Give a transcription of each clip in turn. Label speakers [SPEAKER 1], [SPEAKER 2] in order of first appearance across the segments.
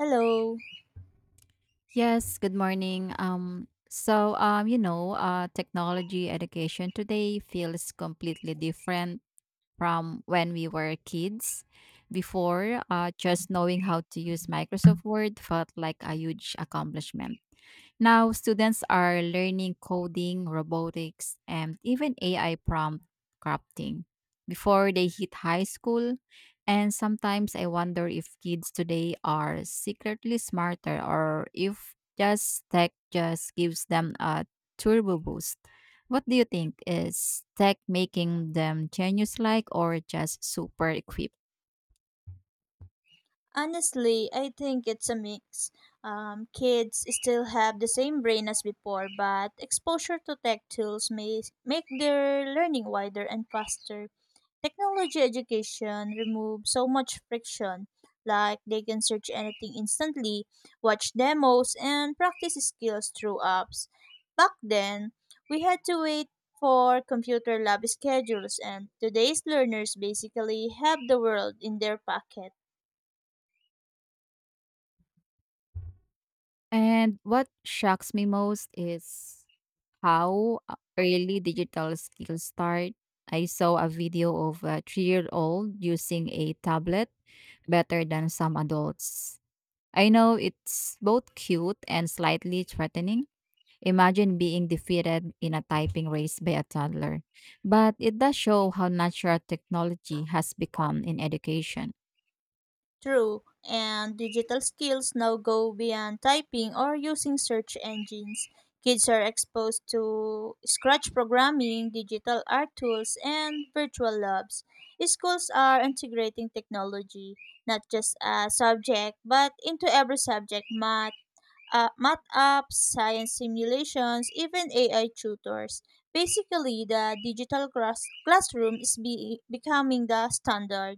[SPEAKER 1] Hello.
[SPEAKER 2] Yes, good morning. Technology education today feels completely different from when we were kids. Before, just knowing how to use Microsoft Word felt like a huge accomplishment. Now, students are learning coding, robotics, and even AI prompt crafting before they hit high school. And sometimes I wonder if kids today are secretly smarter or if just tech just gives them a turbo boost. What do you think? Is tech making them genius like or just super equipped?
[SPEAKER 1] Honestly, I think it's a mix. Kids still have the same brain as before, but exposure to tech tools may make their learning wider and faster. Technology education removes so much friction, like they can search anything instantly, watch demos, and practice skills through apps. Back then, we had to wait for computer lab schedules, and today's learners basically have the world in their pocket.
[SPEAKER 2] And what shocks me most is how early digital skills start. I saw a video of a 3 year old using a tablet better than some adults. I know it's both cute and slightly threatening. Imagine being defeated in a typing race by a toddler. But it does show how natural technology has become in education.
[SPEAKER 1] True, and digital skills now go beyond typing or using search engines. Kids are exposed to Scratch programming, digital art tools, and virtual labs. Schools are integrating technology, not just a subject, but into every subject math, math apps, science simulations, even AI tutors. Basically, the digital classroom is becoming the standard.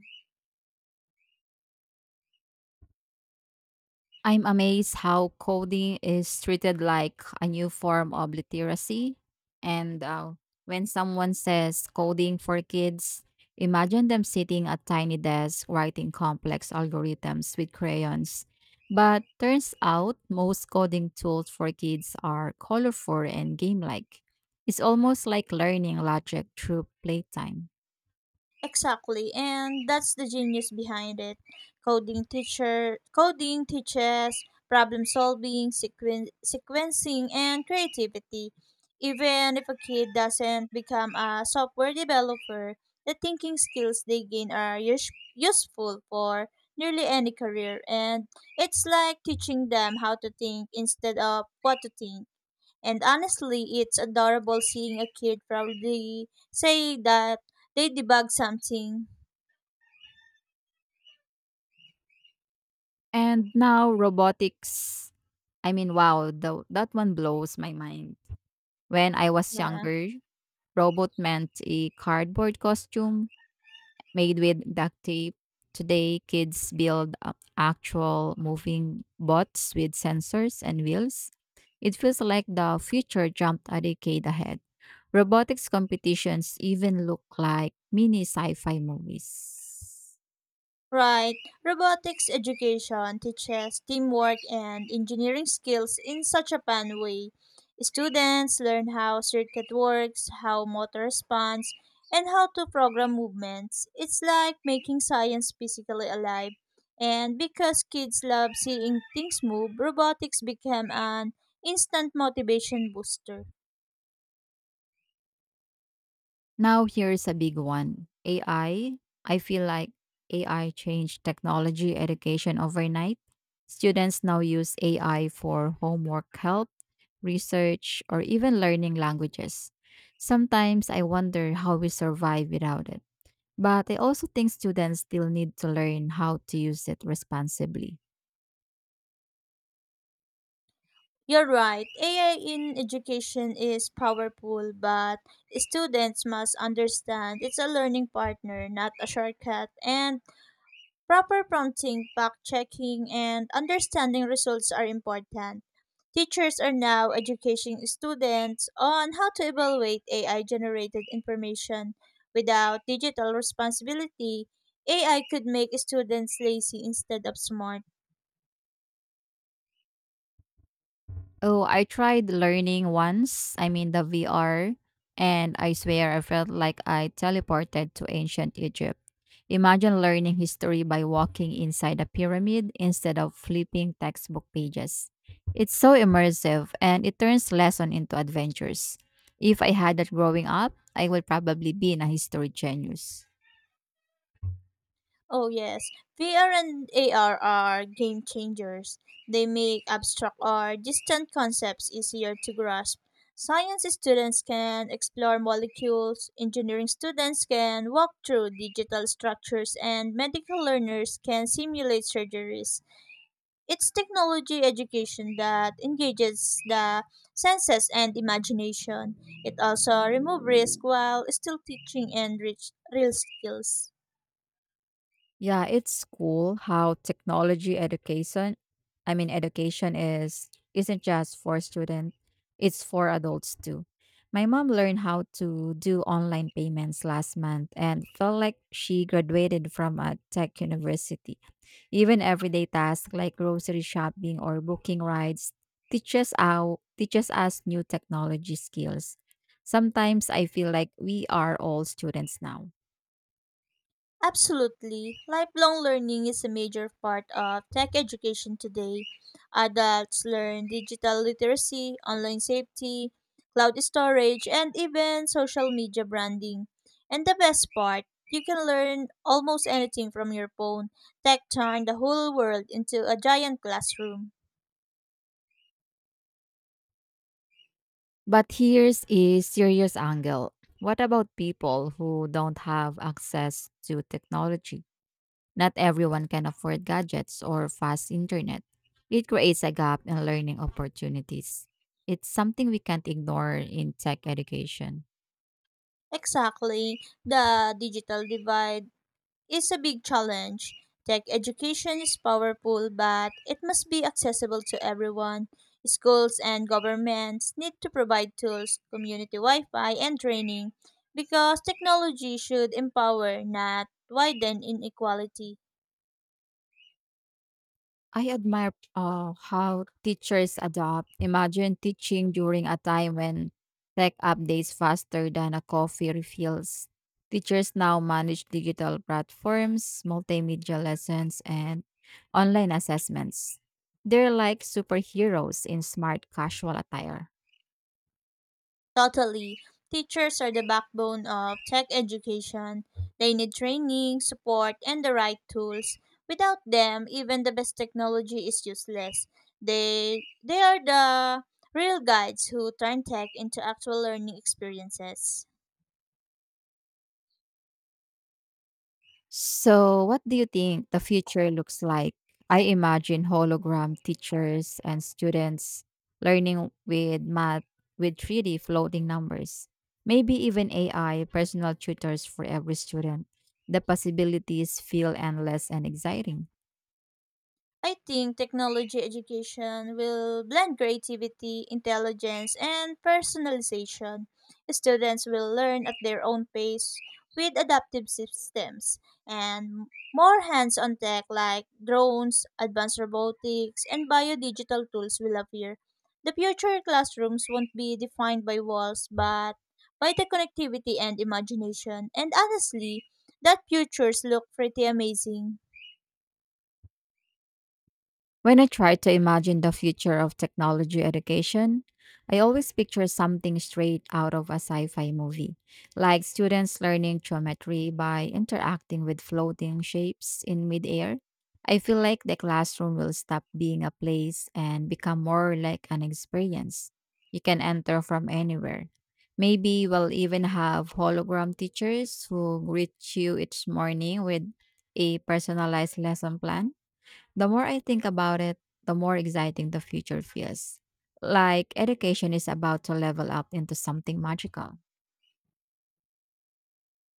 [SPEAKER 2] I'm amazed how coding is treated like a new form of literacy. And When someone says coding for kids, imagine them sitting at tiny desks writing complex algorithms with crayons. But turns out most coding tools for kids are colorful and game like. It's almost like learning logic through playtime.
[SPEAKER 1] Exactly, and that's the genius behind it. Coding teaches problem solving, sequencing, and creativity. Even if a kid doesn't become a software developer, the thinking skills they gain are useful for nearly any career, and it's like teaching them how to think instead of what to think. And honestly, it's adorable seeing a kid proudly say that they debugged something.
[SPEAKER 2] And now robotics. I mean, wow, that one blows my mind. When I was
[SPEAKER 1] Yeah.
[SPEAKER 2] younger, robot meant a cardboard costume made with duct tape. Today, kids build up actual moving bots with sensors and wheels. It feels like the future jumped a decade ahead. Robotics competitions even look like mini sci fi movies.
[SPEAKER 1] Right. Robotics education teaches teamwork and engineering skills in such a fun way. Students learn how circuit works, how motor responds, and how to program movements. It's like making science physically alive. And because kids love seeing things move, robotics became an instant motivation booster.
[SPEAKER 2] Now here's a big one. AI. I feel like AI changed technology education overnight. Students now use AI for homework help, research, or even learning languages. Sometimes I wonder how we survive without it. But I also think students still need to learn how to use it responsibly.
[SPEAKER 1] You're right. AI in education is powerful, but students must understand it's a learning partner, not a shortcut. And proper prompting, fact checking, and understanding results are important. Teachers are now educating students on how to evaluate AI generated information. Without digital responsibility, AI could make students lazy instead of smart.
[SPEAKER 2] Oh, I tried learning once, I mean the VR, and I swear I felt like I teleported to ancient Egypt. Imagine learning history by walking inside a pyramid instead of flipping textbook pages. It's so immersive and it turns lesson into adventures. If I had that growing up, I would probably be in a history genius.
[SPEAKER 1] Oh yes, VR and AR are game changers. They make abstract or distant concepts easier to grasp. Science students can explore molecules, engineering students can walk through digital structures, and medical learners can simulate surgeries. It's technology education that engages the senses and imagination. It also removes risk while still teaching and rich real skills.
[SPEAKER 2] Yeah, it's cool how technology education, I mean education is isn't just for students, it's for adults too. My mom learned how to do online payments last month and felt like she graduated from a tech university. Even everyday tasks like grocery shopping or booking rides teaches us new technology skills. Sometimes I feel like we are all students now.
[SPEAKER 1] Absolutely. Lifelong learning is a major part of tech education today. Adults learn digital literacy, online safety, cloud storage, and even social media branding. And the best part, you can learn almost anything from your phone. Tech turned the whole world into a giant classroom.
[SPEAKER 2] But here's a serious angle. What about people who don't have access to technology? Not everyone can afford gadgets or fast internet. It creates a gap in learning opportunities. It's something we can't ignore in tech education.
[SPEAKER 1] Exactly. The digital divide is a big challenge. Tech education is powerful, but it must be accessible to everyone. Schools and governments need to provide tools, community Wi Fi, and training because technology should empower, not widen inequality.
[SPEAKER 2] I admire how teachers adopt. Imagine teaching during a time when tech updates faster than a coffee refills. Teachers now manage digital platforms, multimedia lessons, and online assessments. They're like superheroes in smart casual attire.
[SPEAKER 1] Totally. Teachers are the backbone of tech education. They need training, support, and the right tools. Without them, even the best technology is useless. They are the real guides who turn tech into actual learning experiences.
[SPEAKER 2] So, what do you think the future looks like? I imagine hologram teachers and students learning with math with 3D floating numbers. Maybe even AI personal tutors for every student. The possibilities feel endless and exciting.
[SPEAKER 1] I think technology education will blend creativity, intelligence, and personalization. Students will learn at their own pace with adaptive systems and more hands on tech like drones, advanced robotics, and biodigital tools will appear. The future classrooms won't be defined by walls but by the connectivity and imagination. And honestly, that futures look pretty amazing.
[SPEAKER 2] When I try to imagine the future of technology education, I always picture something straight out of a sci fi movie, like students learning geometry by interacting with floating shapes in midair. I feel like the classroom will stop being a place and become more like an experience you can enter from anywhere. Maybe we'll even have hologram teachers who greet you each morning with a personalized lesson plan. The more I think about it, the more exciting the future feels. Like education is about to level up into something magical.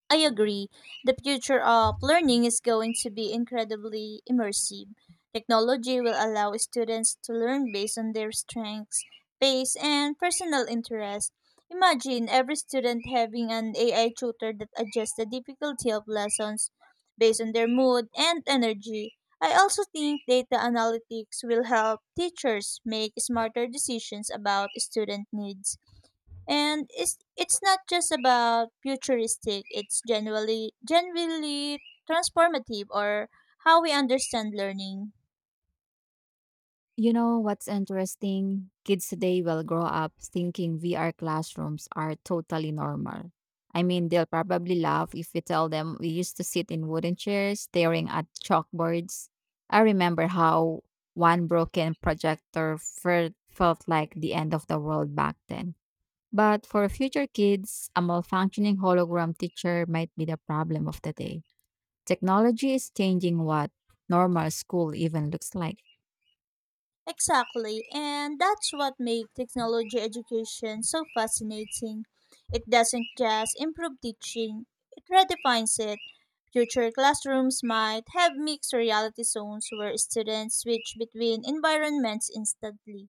[SPEAKER 1] I agree. The future of learning is going to be incredibly immersive. Technology will allow students to learn based on their strengths, pace, and personal interests. Imagine every student having an AI tutor that adjusts the difficulty of lessons based on their mood and energy. I also think data analytics will help teachers make smarter decisions about student needs, and it's not just about futuristic, it's generally transformative or how we understand learning.
[SPEAKER 2] You know what's interesting? Kids today will grow up thinking VR classrooms are totally normal. I mean, they'll probably laugh if we tell them we used to sit in wooden chairs staring at chalkboards. I remember how one broken felt like the end of the world back then. But for future kids, a malfunctioning hologram teacher might be the problem of the day. Technology is changing what normal school even looks like.
[SPEAKER 1] Exactly, and that's what makes technology education so fascinating. It doesn't just improve teaching, it redefines it. Future classrooms might have mixed reality zones where students switch between environments instantly.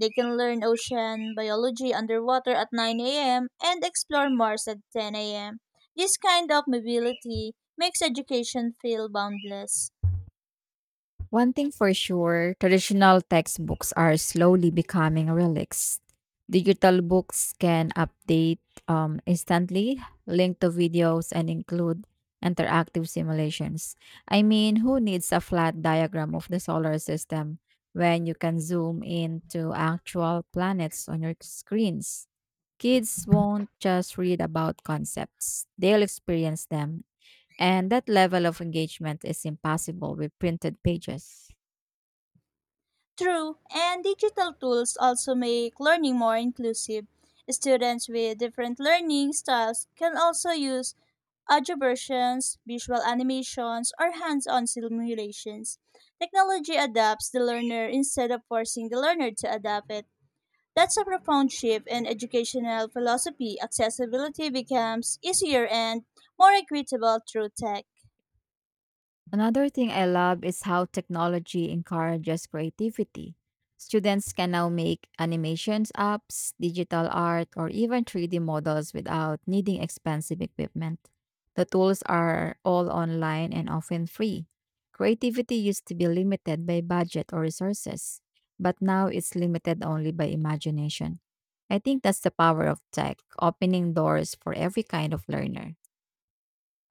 [SPEAKER 1] They can learn ocean biology underwater at 9 a.m. and explore Mars at 10 a.m. This kind of mobility makes education feel boundless.
[SPEAKER 2] One thing for sure, traditional textbooks are slowly becoming relics. Digital books can update instantly, link to videos, and include interactive simulations. I mean, who needs a flat diagram of the solar system when you can zoom into actual planets on your screens? Kids won't just read about concepts, they'll experience them. And that level of engagement is impossible with printed pages.
[SPEAKER 1] True, and digital tools also make learning more inclusive. Students with different learning styles can also use audio versions, visual animations, or hands-on simulations. Technology adapts the learner instead of forcing the learner to adapt it. That's a profound shift in educational philosophy. Accessibility becomes easier and more equitable through tech.
[SPEAKER 2] Another thing I love is how technology encourages creativity. Students can now make animations apps, digital art, or even 3D models without needing expensive equipment. The tools are all online and often free. Creativity used to be limited by budget or resources, but now it's limited only by imagination. I think that's the power of tech, opening doors for every kind of learner.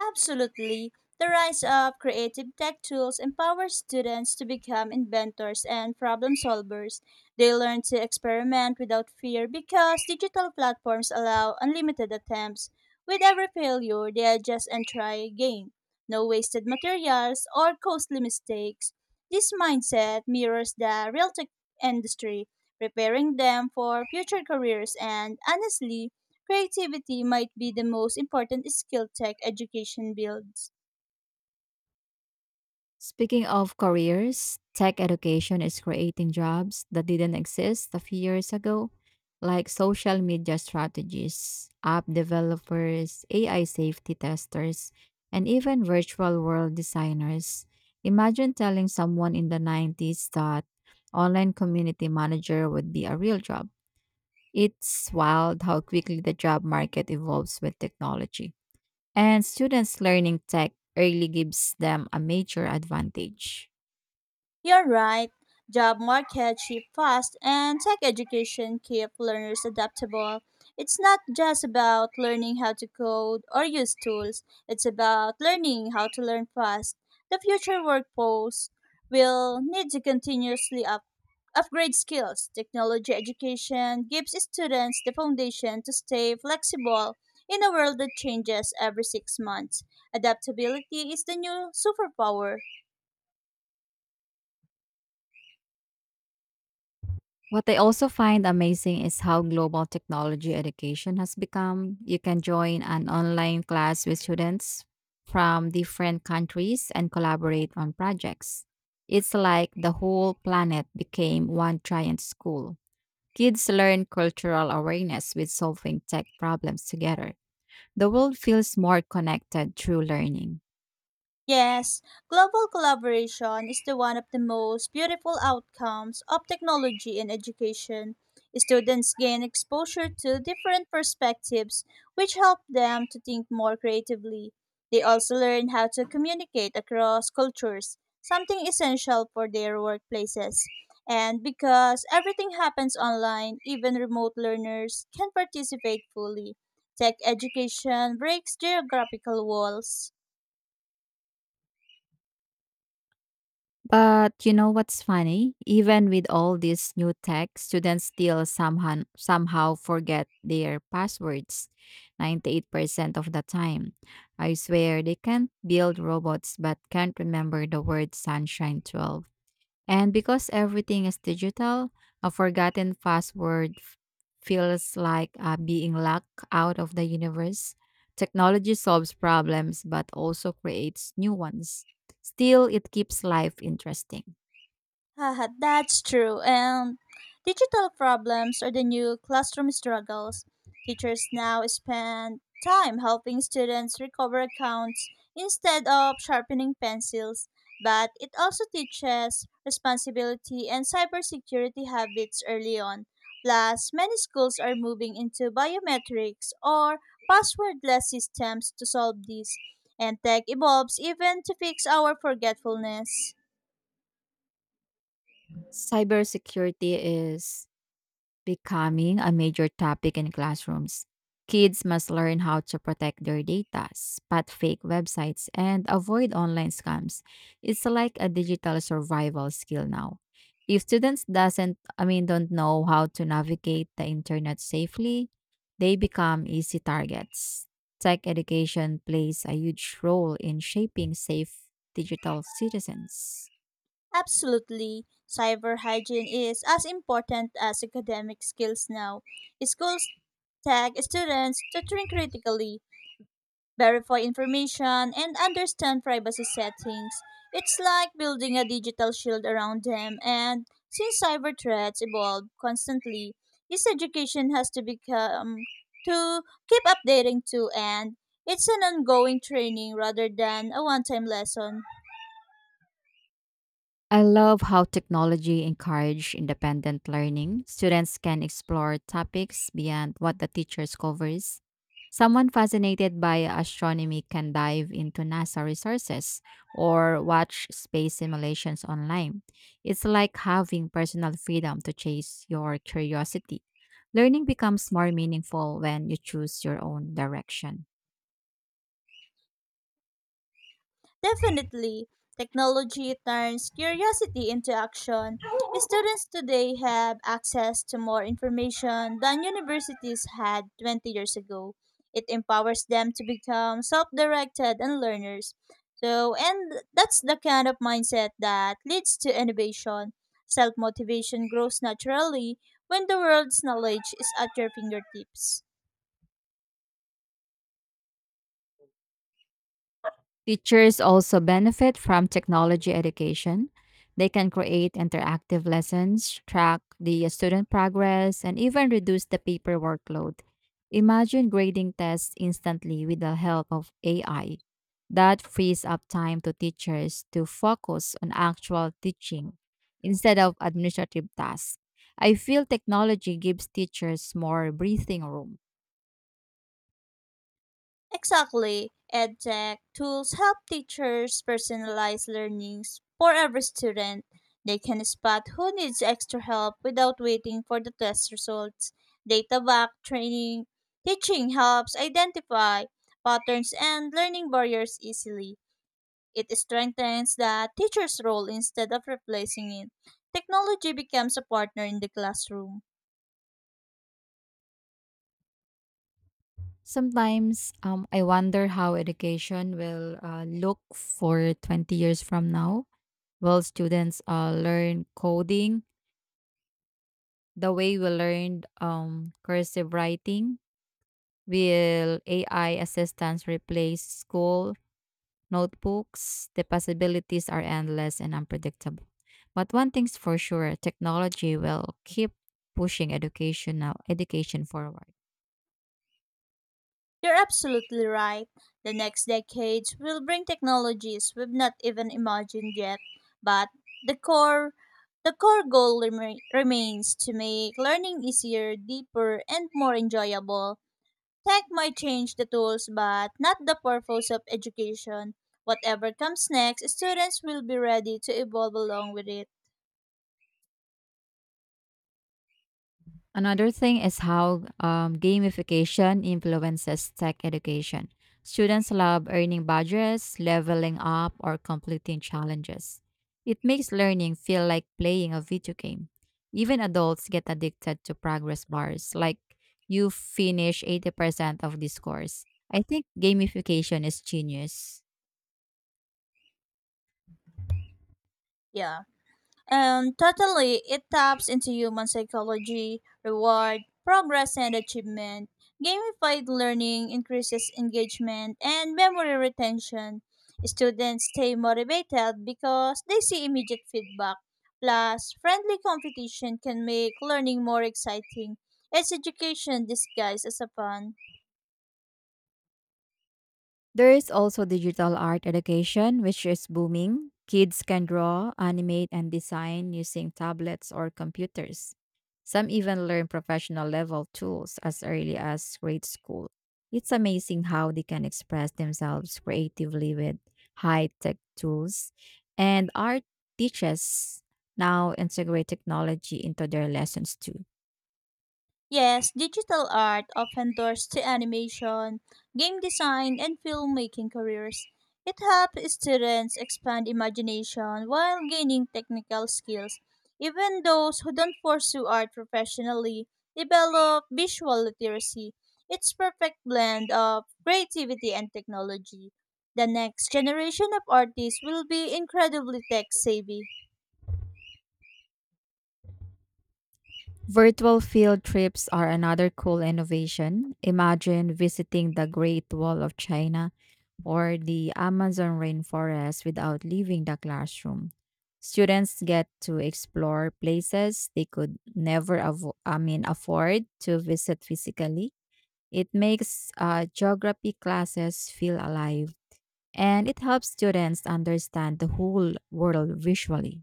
[SPEAKER 1] Absolutely. The rise of creative tech tools empowers students to become inventors and problem solvers. They learn to experiment without fear because digital platforms allow unlimited attempts. With every failure, they adjust and try again. No wasted materials or costly mistakes. This mindset mirrors the real tech industry, preparing them for future careers, and honestly, creativity might be the most important skill tech education builds.
[SPEAKER 2] Speaking of careers, tech education is creating jobs that didn't exist a few years ago, like social media strategies, app developers, AI safety testers, and even virtual world designers. Imagine telling someone in the 90s that online community manager would be a real job. It's wild how quickly the job market evolves with technology. And students learning tech early gives them a major advantage.
[SPEAKER 1] You're right. Job market shift fast and tech education keep learners adaptable. It's not just about learning how to code or use tools. It's about learning how to learn fast. The future workforce will need to continuously upgrade skills. Technology education gives students the foundation to stay flexible in a world that changes every 6 months. Adaptability is the new superpower.
[SPEAKER 2] What I also find amazing is how global technology education has become. You can join an online class with students from different countries and collaborate on projects. It's like the whole planet became one giant school. Kids learn cultural awareness with solving tech problems together. The world feels more connected through learning.
[SPEAKER 1] Yes, global collaboration is the one of the most beautiful outcomes of technology in education. Students gain exposure to different perspectives, which help them to think more creatively. They also learn how to communicate across cultures, something essential for their workplaces. And because everything happens online, even remote learners can participate fully. Tech education breaks geographical walls.
[SPEAKER 2] But you know what's funny? Even with all this new tech, students still somehow forget their passwords 98% of the time. I swear they can't build robots but can't remember the word sunshine 12. And because everything is digital, a feels like being locked out of the universe. Technology solves problems but also creates new ones. Still, it keeps life interesting.
[SPEAKER 1] Haha, that's true. And digital problems are the new classroom struggles. Teachers now spend time helping students recover accounts instead of sharpening pencils, but it also teaches responsibility and cybersecurity habits early on. Plus, many schools are moving into biometrics or passwordless systems to solve these, and tech evolves even to fix our forgetfulness.
[SPEAKER 2] Cybersecurity is becoming a major topic in classrooms. Kids must learn how to protect their data, spot fake websites, and avoid online scams. It's like a digital survival skill now. If students doesn't I mean don't know how to navigate the internet safely, they become easy targets. Tech education plays a huge role in shaping safe digital citizens.
[SPEAKER 1] Absolutely. Cyber hygiene is as important as academic skills now. Schools tag students to think critically, verify information, and understand privacy settings. It's like building a digital shield around them, and since cyber threats evolve constantly, this education has to become to keep updating too, and it's an ongoing training rather than a one-time lesson.
[SPEAKER 2] I love how technology encourages independent learning. Students can explore topics beyond what the teachers covers. Someone fascinated by astronomy can dive into NASA resources or watch space simulations online. It's like having personal freedom to chase your curiosity. Learning becomes more meaningful when you choose your own direction.
[SPEAKER 1] Definitely, technology turns curiosity into action. Students today have access to more information than universities had 20 years ago. It empowers them to become self directed and learners. So, and that's the kind of mindset that leads to innovation. Self motivation grows naturally when the world's knowledge is at your fingertips.
[SPEAKER 2] Teachers also benefit from technology education. They can create interactive lessons, track the student progress, and even reduce the paper workload. Imagine grading tests instantly with the help of AI. That frees up time to teachers to focus on actual teaching instead of administrative tasks. I feel technology gives teachers more breathing room.
[SPEAKER 1] Exactly. EdTech tools help teachers personalize learnings for every student. They can spot who needs extra help without waiting for the test results. Data backed training teaching helps identify patterns and learning barriers easily. It strengthens the teacher's role instead of replacing it. Technology becomes a partner in the classroom.
[SPEAKER 2] Sometimes I wonder how education will look for 20 years from now. Will students learn coding the way we learned cursive writing? Will AI assistants replace school notebooks? The possibilities are endless and unpredictable. But one thing's for sure technology will keep pushing education forward.
[SPEAKER 1] You're absolutely right. The next decades will bring technologies we've not even imagined yet, but the core the core goal remains to make learning easier, deeper, and more enjoyable. Tech might change the tools, but not the purpose of education. Whatever comes next, students will be ready to evolve along with it.
[SPEAKER 2] Another thing is how gamification influences tech education. Students love earning badges, leveling up, or completing challenges. It makes learning feel like playing a video game. Even adults get addicted to progress bars, like you finish 80% of this course. I think gamification is genius.
[SPEAKER 1] Yeah. And totally, it taps into human psychology, reward, progress, and achievement. Gamified learning increases engagement and memory retention. Students stay motivated because they see immediate feedback. Plus, friendly competition can make learning more exciting. It's education disguised as a fun.
[SPEAKER 2] There is also digital art education, which is booming. Kids can draw, animate, and design using tablets or computers. Some even learn professional level tools as early as grade school. It's amazing how they can express themselves creatively with high tech tools. And art teachers now integrate technology into their lessons too.
[SPEAKER 1] Yes, digital art often doors to animation, game design, and filmmaking careers. It helps students expand imagination while gaining technical skills. Even those who don't pursue art professionally develop visual literacy. It's perfect blend of creativity and technology. The next generation of artists will be incredibly tech savvy.
[SPEAKER 2] Virtual field trips are another cool innovation. Imagine visiting the Great Wall of China or the Amazon rainforest without leaving the classroom. Students get to explore places they could never afford to visit physically. It makes geography classes feel alive and it helps students understand the whole world visually.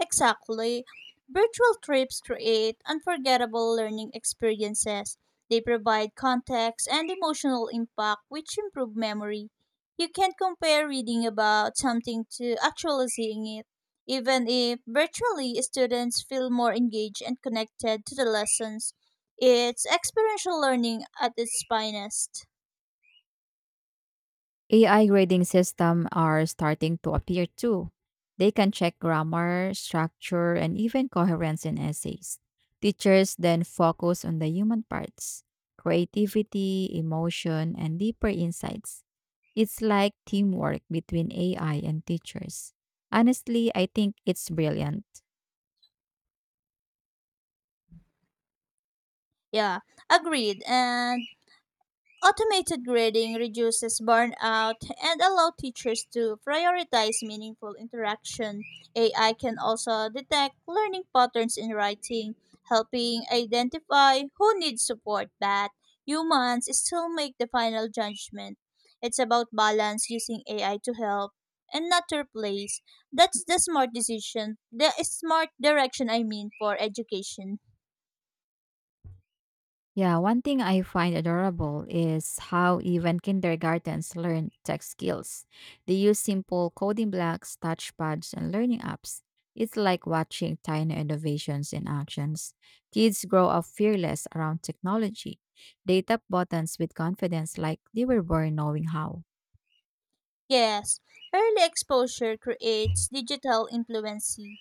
[SPEAKER 1] Exactly. Virtual trips create unforgettable learning experiences. They provide context and emotional impact, which improve memory. You can't compare reading about something to actually seeing it. Even if virtually, students feel more engaged and connected to the lessons. It's experiential learning at its finest.
[SPEAKER 2] AI grading systems are starting to appear too. They can check grammar, structure, and even coherence in essays. Teachers then focus on the human parts, creativity, emotion, and deeper insights. It's like teamwork between AI and teachers. Honestly, I think it's brilliant.
[SPEAKER 1] Yeah, agreed. And automated grading reduces burnout and allow teachers to prioritize meaningful interaction. AI can also detect learning patterns in writing, helping identify who needs support, but humans still make the final judgment. It's about balance using AI to help and not to replace. That's the smart decision, the smart direction I mean for education.
[SPEAKER 2] Yeah, one thing I find adorable is how even kindergartens learn tech skills. They use simple coding blocks, touchpads, and learning apps. It's like watching tiny innovations in actions. Kids grow up fearless around technology. They tap buttons with confidence like they were born knowing how.
[SPEAKER 1] Yes, early exposure creates digital influency,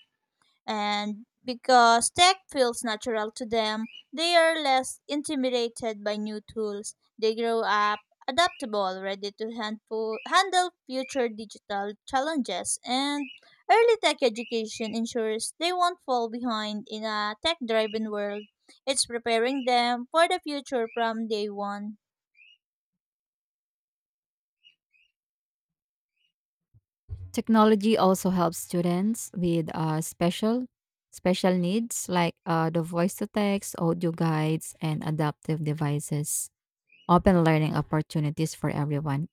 [SPEAKER 1] and because tech feels natural to them, they are less intimidated by new tools. They grow up adaptable, ready to handle future digital challenges, and early tech education ensures they won't fall behind in a tech driven world. It's preparing them for the future from day one.
[SPEAKER 2] Technology also helps students with special needs like the voice to text, audio guides, and adaptive devices. Open learning opportunities for everyone.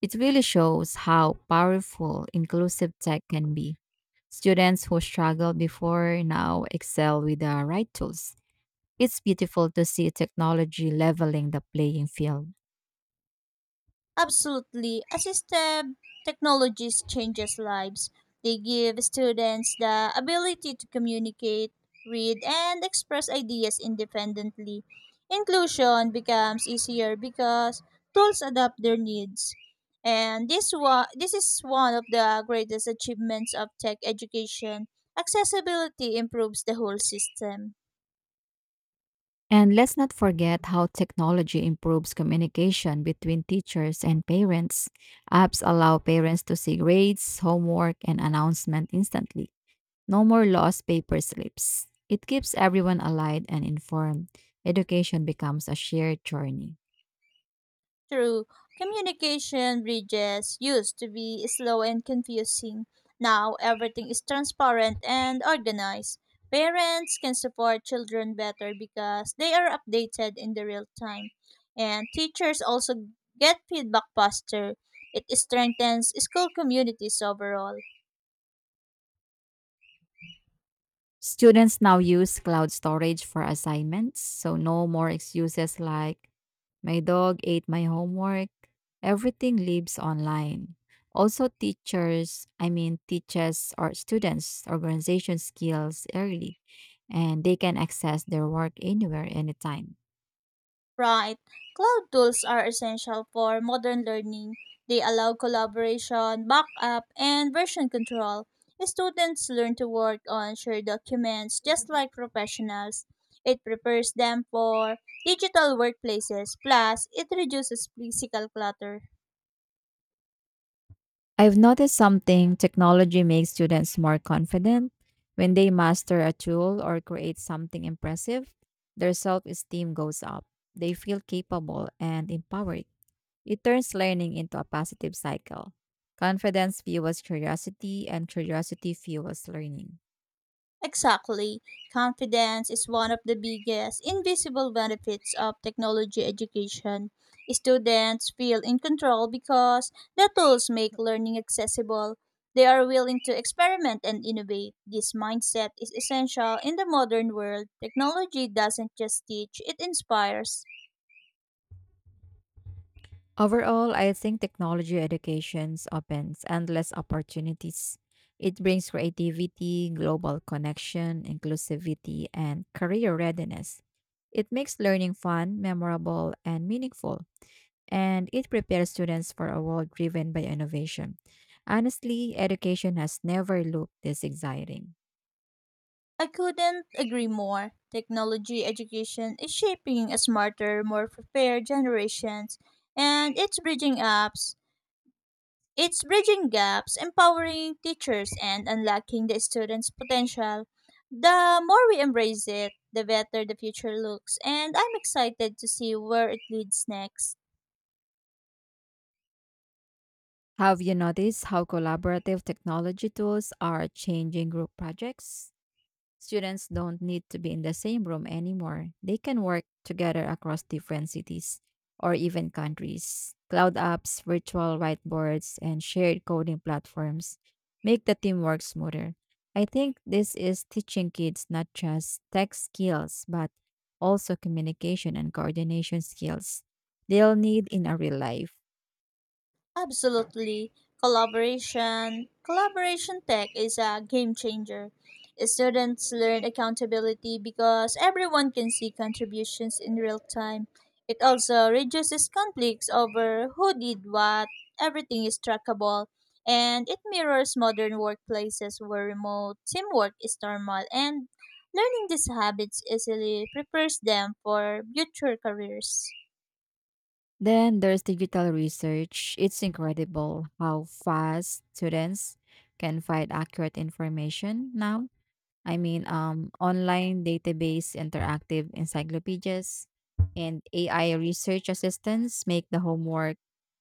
[SPEAKER 2] It really shows how powerful inclusive tech can be. Students who struggled before now excel with the right tools. It's beautiful to see technology leveling the playing field.
[SPEAKER 1] Absolutely. Assistive technologies changes lives. They give students the ability to communicate, read, and express ideas independently. Inclusion becomes easier because tools adapt their needs. And this is one of the greatest achievements of tech education. Accessibility improves the whole system.
[SPEAKER 2] And let's not forget how technology improves communication between teachers and parents. Apps allow parents to see grades, homework, and announcement instantly. No more lost paper slips. It keeps everyone allied and informed. Education becomes a shared journey.
[SPEAKER 1] True, communication bridges used to be slow and confusing. Now everything is transparent and organized. Parents can support children better because they are updated in the real time. And teachers also get feedback faster. It strengthens school communities overall.
[SPEAKER 2] Students now use cloud storage for assignments, so no more excuses like, my dog ate my homework. Everything lives online. Also, teachers, I mean, teaches or students, organization skills early, and they can access their work anywhere, anytime.
[SPEAKER 1] Right. Cloud tools are essential for modern learning. They allow collaboration, backup, and version control. Students learn to work on shared documents just like professionals. It prepares them for digital workplaces, plus, it reduces physical clutter.
[SPEAKER 2] I've noticed something technology makes students more confident. When they master a tool or create something impressive, their self esteem goes up. They feel capable and empowered. It turns learning into a positive cycle. Confidence fuels curiosity, and curiosity fuels learning.
[SPEAKER 1] Exactly. Confidence is one of the biggest invisible benefits of technology education. Students feel in control because the tools make learning accessible. They are willing to experiment and innovate. This mindset is essential in the modern world. Technology doesn't just teach, it inspires.
[SPEAKER 2] Overall, I think technology educations opens endless opportunities. It brings creativity, global connection, inclusivity, and career readiness. It makes learning fun, memorable, and meaningful, and it prepares students for a world driven by innovation. Honestly, education has never looked this exciting.
[SPEAKER 1] I couldn't agree more. Technology education is shaping a smarter, more prepared generations, and it's bridging gaps, empowering teachers, and unlocking the students' potential. The more we embrace it, the better the future looks, and I'm excited to see where it leads next.
[SPEAKER 2] Have you noticed how collaborative technology tools are changing group projects? Students don't need to be in the same room anymore. They can work together across different cities or even countries. Cloud apps, virtual whiteboards, and shared coding platforms make the teamwork smoother. I think this is teaching kids not just tech skills, but also communication and coordination skills they'll need in a real life.
[SPEAKER 1] Absolutely. Collaboration tech is a game changer. Students learn accountability because everyone can see contributions in real time. It also reduces conflicts over who did what. Everything is trackable. And it mirrors modern workplaces where remote teamwork is normal. And learning these habits easily prepares them for future careers.
[SPEAKER 2] Then there's digital research. It's incredible how fast students can find accurate information now. Online database, interactive encyclopedias, and AI research assistants make the homework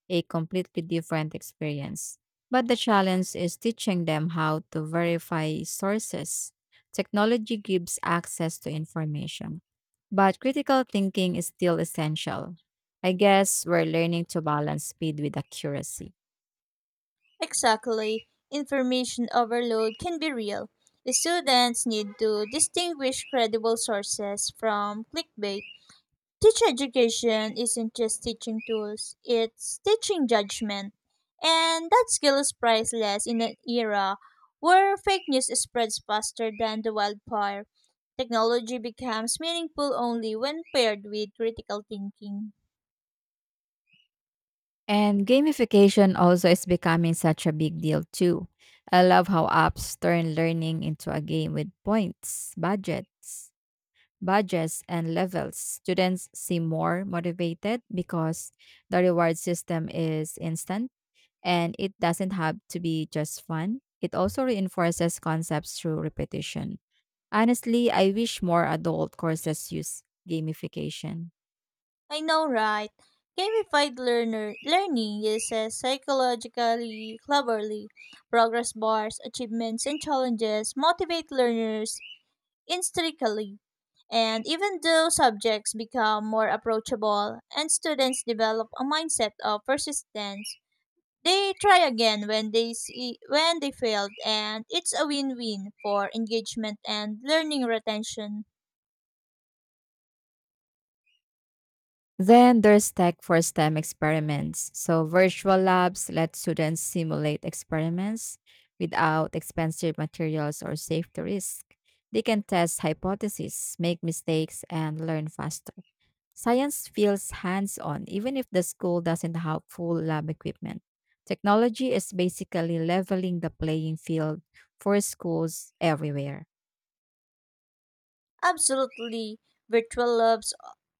[SPEAKER 2] a completely different experience. But the challenge is teaching them how to verify sources. Technology gives access to information, but critical thinking is still essential. I guess we're learning to balance speed with accuracy.
[SPEAKER 1] Exactly. Information overload can be real. The students need to distinguish credible sources from clickbait. Teacher education isn't just teaching tools, it's teaching judgment. And that skill is priceless in an era where fake news spreads faster than the wildfire. Technology becomes meaningful only when paired with critical thinking.
[SPEAKER 2] And gamification also is becoming such a big deal too. I love how apps turn learning into a game with points, budgets, and levels. Students seem more motivated because the reward system is instant and it doesn't have to be just fun. It also reinforces concepts through repetition. Honestly, I wish more adult courses use gamification.
[SPEAKER 1] I know, right? Gamified learner learning uses psychologically cleverly. Progress bars, achievements, and challenges motivate learners intrinsically. And even though subjects become more approachable and students develop a mindset of persistence, they try again when they see when they failed and it's a win-win for engagement and learning retention.
[SPEAKER 2] Then there's tech for STEM experiments. So, virtual labs let students simulate experiments without expensive materials or safety risk. They can test hypotheses, make mistakes, and learn faster. Science feels hands on, even if the school doesn't have full lab equipment. Technology is basically leveling the playing field for schools everywhere.
[SPEAKER 1] Absolutely, virtual labs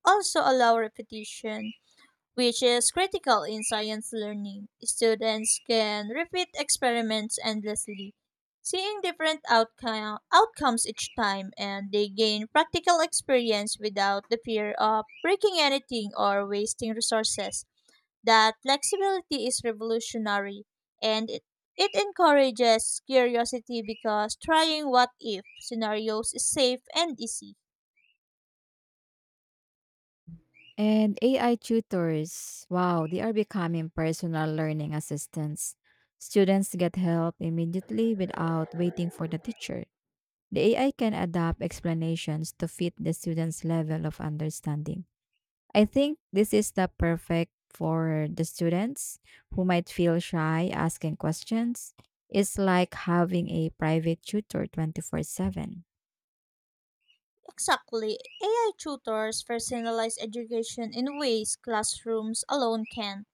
[SPEAKER 1] also allow repetition, which is critical in science learning. Students can repeat experiments endlessly, seeing different outcomes each time, and they gain practical experience without the fear of breaking anything or wasting resources. That flexibility is revolutionary, and it, it encourages curiosity because trying what if scenarios is safe and easy.
[SPEAKER 2] And AI tutors, wow, they are becoming personal learning assistants. Students get help immediately without waiting for the teacher. The AI can adapt explanations to fit the student's level of understanding. I think this is the perfect for the students who might feel shy asking questions. It's like having a private tutor 24/7.
[SPEAKER 1] Exactly. AI tutors personalize education in ways classrooms alone can't.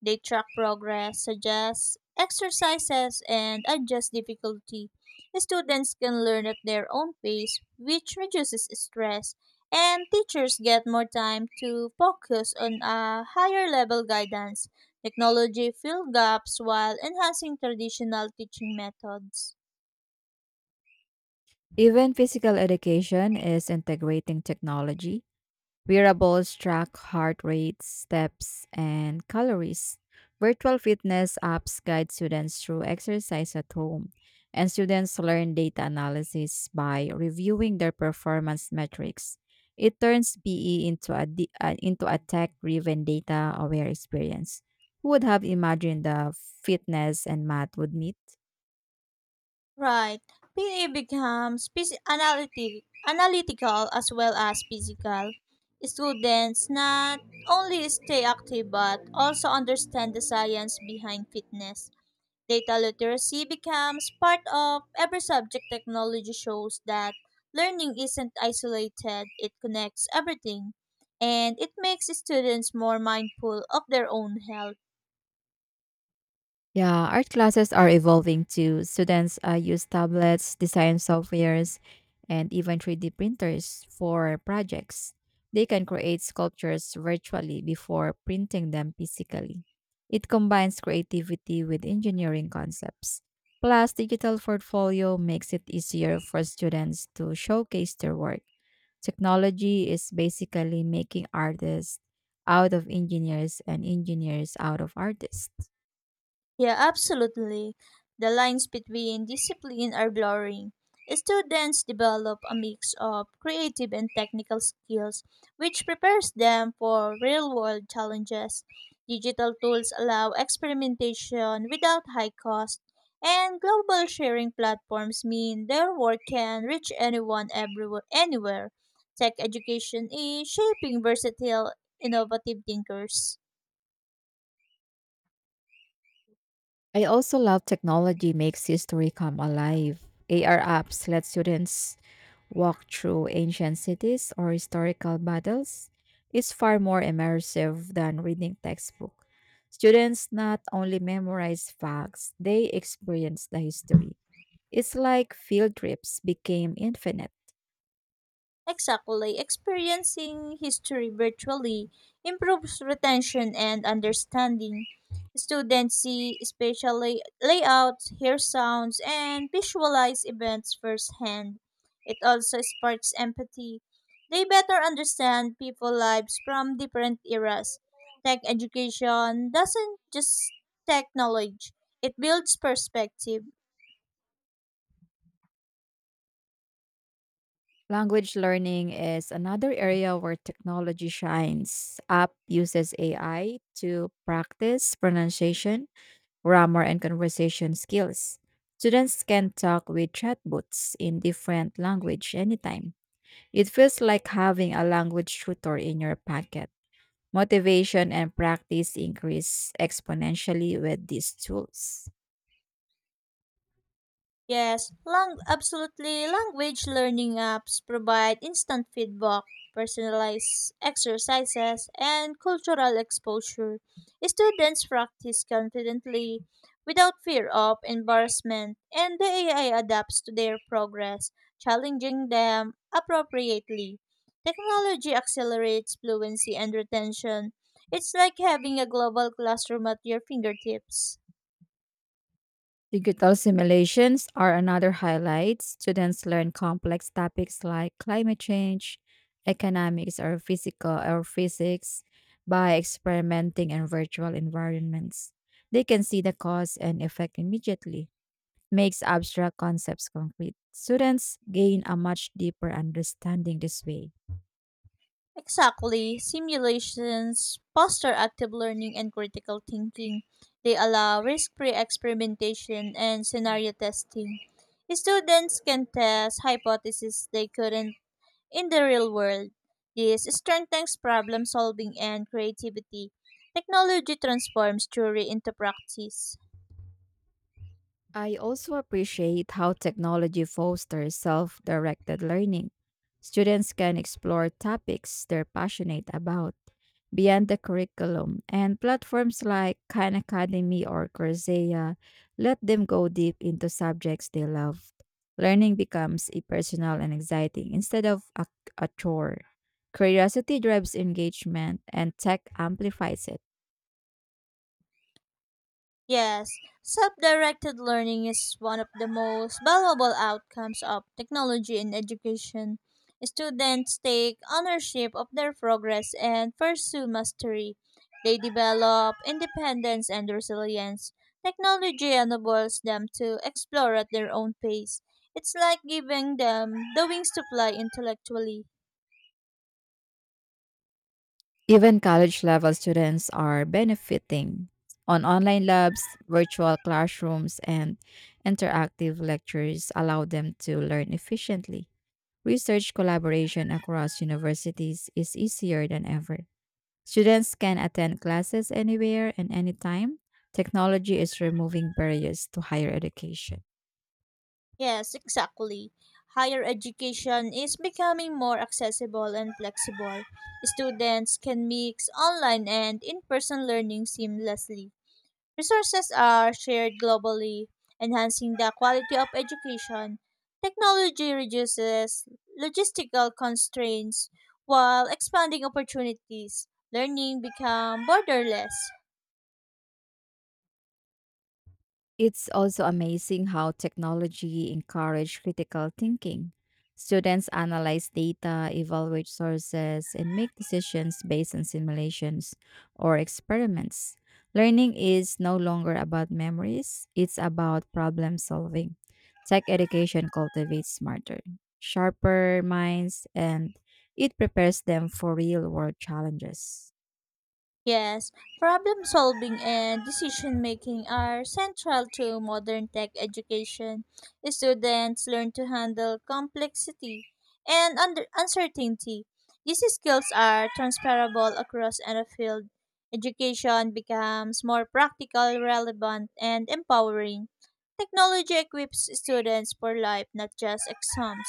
[SPEAKER 1] They track progress, suggest exercises, and adjust difficulty. Students can learn at their own pace, which reduces stress, and teachers get more time to focus on a higher level guidance. Technology fills gaps while enhancing traditional teaching methods.
[SPEAKER 2] Even physical education is integrating technology. Wearables track heart rate, steps, and calories. Virtual fitness apps guide students through exercise at home, and students learn data analysis by reviewing their performance metrics. It turns PE into into a tech driven data aware experience. Who would have imagined the fitness and math would meet?
[SPEAKER 1] Right. PE becomes analytic, analytical as well as physical. Students not only stay active but also understand the science behind fitness. Data literacy becomes part of every subject. Technology shows that learning isn't isolated, it connects everything, and it makes students more mindful of their own health.
[SPEAKER 2] Yeah, art classes are evolving too. Students use tablets, design softwares, and even 3D printers for projects. They can create sculptures virtually before printing them physically. It combines creativity with engineering concepts. Plus, digital portfolio makes it easier for students to showcase their work. Technology is basically making artists out of engineers and engineers out of artists.
[SPEAKER 1] Yeah, absolutely. The lines between discipline are blurring. Students develop a mix of creative and technical skills, which prepares them for real world challenges. Digital tools allow experimentation without high cost, and global sharing platforms mean their work can reach anywhere. Tech education is shaping versatile, innovative thinkers.
[SPEAKER 2] I also love technology makes history come alive. AR apps let students walk through ancient cities or historical battles. It's far more immersive than reading textbook. Students not only memorize facts, they experience the history. It's like field trips became infinite.
[SPEAKER 1] Exactly. Experiencing history virtually improves retention and understanding. Students see spatial layouts, hear sounds, and visualize events firsthand. It also sparks empathy. They better understand people lives from different eras. Tech education doesn't just tech knowledge, it builds perspective.
[SPEAKER 2] Language learning is another area where technology shines. App uses AI to practice pronunciation grammar, and conversation skills. Students can talk with chatbots in different language anytime. It feels like having a language tutor in your pocket. Motivation and practice increase exponentially with these tools.
[SPEAKER 1] Yes, absolutely. Language learning apps provide instant feedback, personalized exercises, and cultural exposure. Students practice confidently without fear of embarrassment, and the AI adapts to their progress, challenging them appropriately. Technology accelerates fluency and retention. It's like having a global classroom at your fingertips.
[SPEAKER 2] Digital simulations are another highlight. Students learn complex topics like climate change, economics, or physical or physics by experimenting in virtual environments. They can see the cause and effect immediately makes abstract concepts concrete. Students gain a much deeper understanding this way.
[SPEAKER 1] Exactly. Simulations foster active learning and critical thinking. They allow risk free experimentation and
[SPEAKER 2] Mm.
[SPEAKER 1] scenario testing. Students can test hypotheses they couldn't in the real world. This strengthens problem solving and creativity. Technology transforms theory into practice.
[SPEAKER 2] I also appreciate how technology fosters self directed learning. Students can explore topics they're passionate about beyond the curriculum, and platforms like Khan Academy or Coursera let them go deep into subjects they love. Learning becomes a personal and exciting instead of a chore. Curiosity drives engagement, and tech amplifies it.
[SPEAKER 1] Yes, self directed learning is one of the most valuable outcomes of technology in education. Students take ownership of their progress and pursue mastery. They develop independence and resilience. Technology enables them to explore at their own pace. It's like giving them the wings to fly intellectually.
[SPEAKER 2] Even college level students are benefiting on online labs, virtual classrooms, and interactive lectures allow them to learn efficiently. Research collaboration across universities is easier than ever. Students can attend classes anywhere and anytime. Technology is removing barriers to higher education.
[SPEAKER 1] Yes, exactly. Higher education is becoming more accessible and flexible. Students can mix online and in person learning seamlessly. Resources are shared globally, enhancing the quality of education. Technology reduces logistical constraints while expanding opportunities. Learning become borderless.
[SPEAKER 2] It's also amazing how technology encourages critical thinking. Students analyze data, evaluate sources, and make decisions based on simulations or experiments. Learning is no longer about memories, it's about problem solving. Tech education cultivates smarter, sharper minds, and it prepares them for real world challenges.
[SPEAKER 1] Yes, problem solving and decision making are central to modern tech education. Students learn to handle complexity and uncertainty. These skills are transferable across any field. Education becomes more practical, relevant, and empowering. Technology equips students for life, not just exams.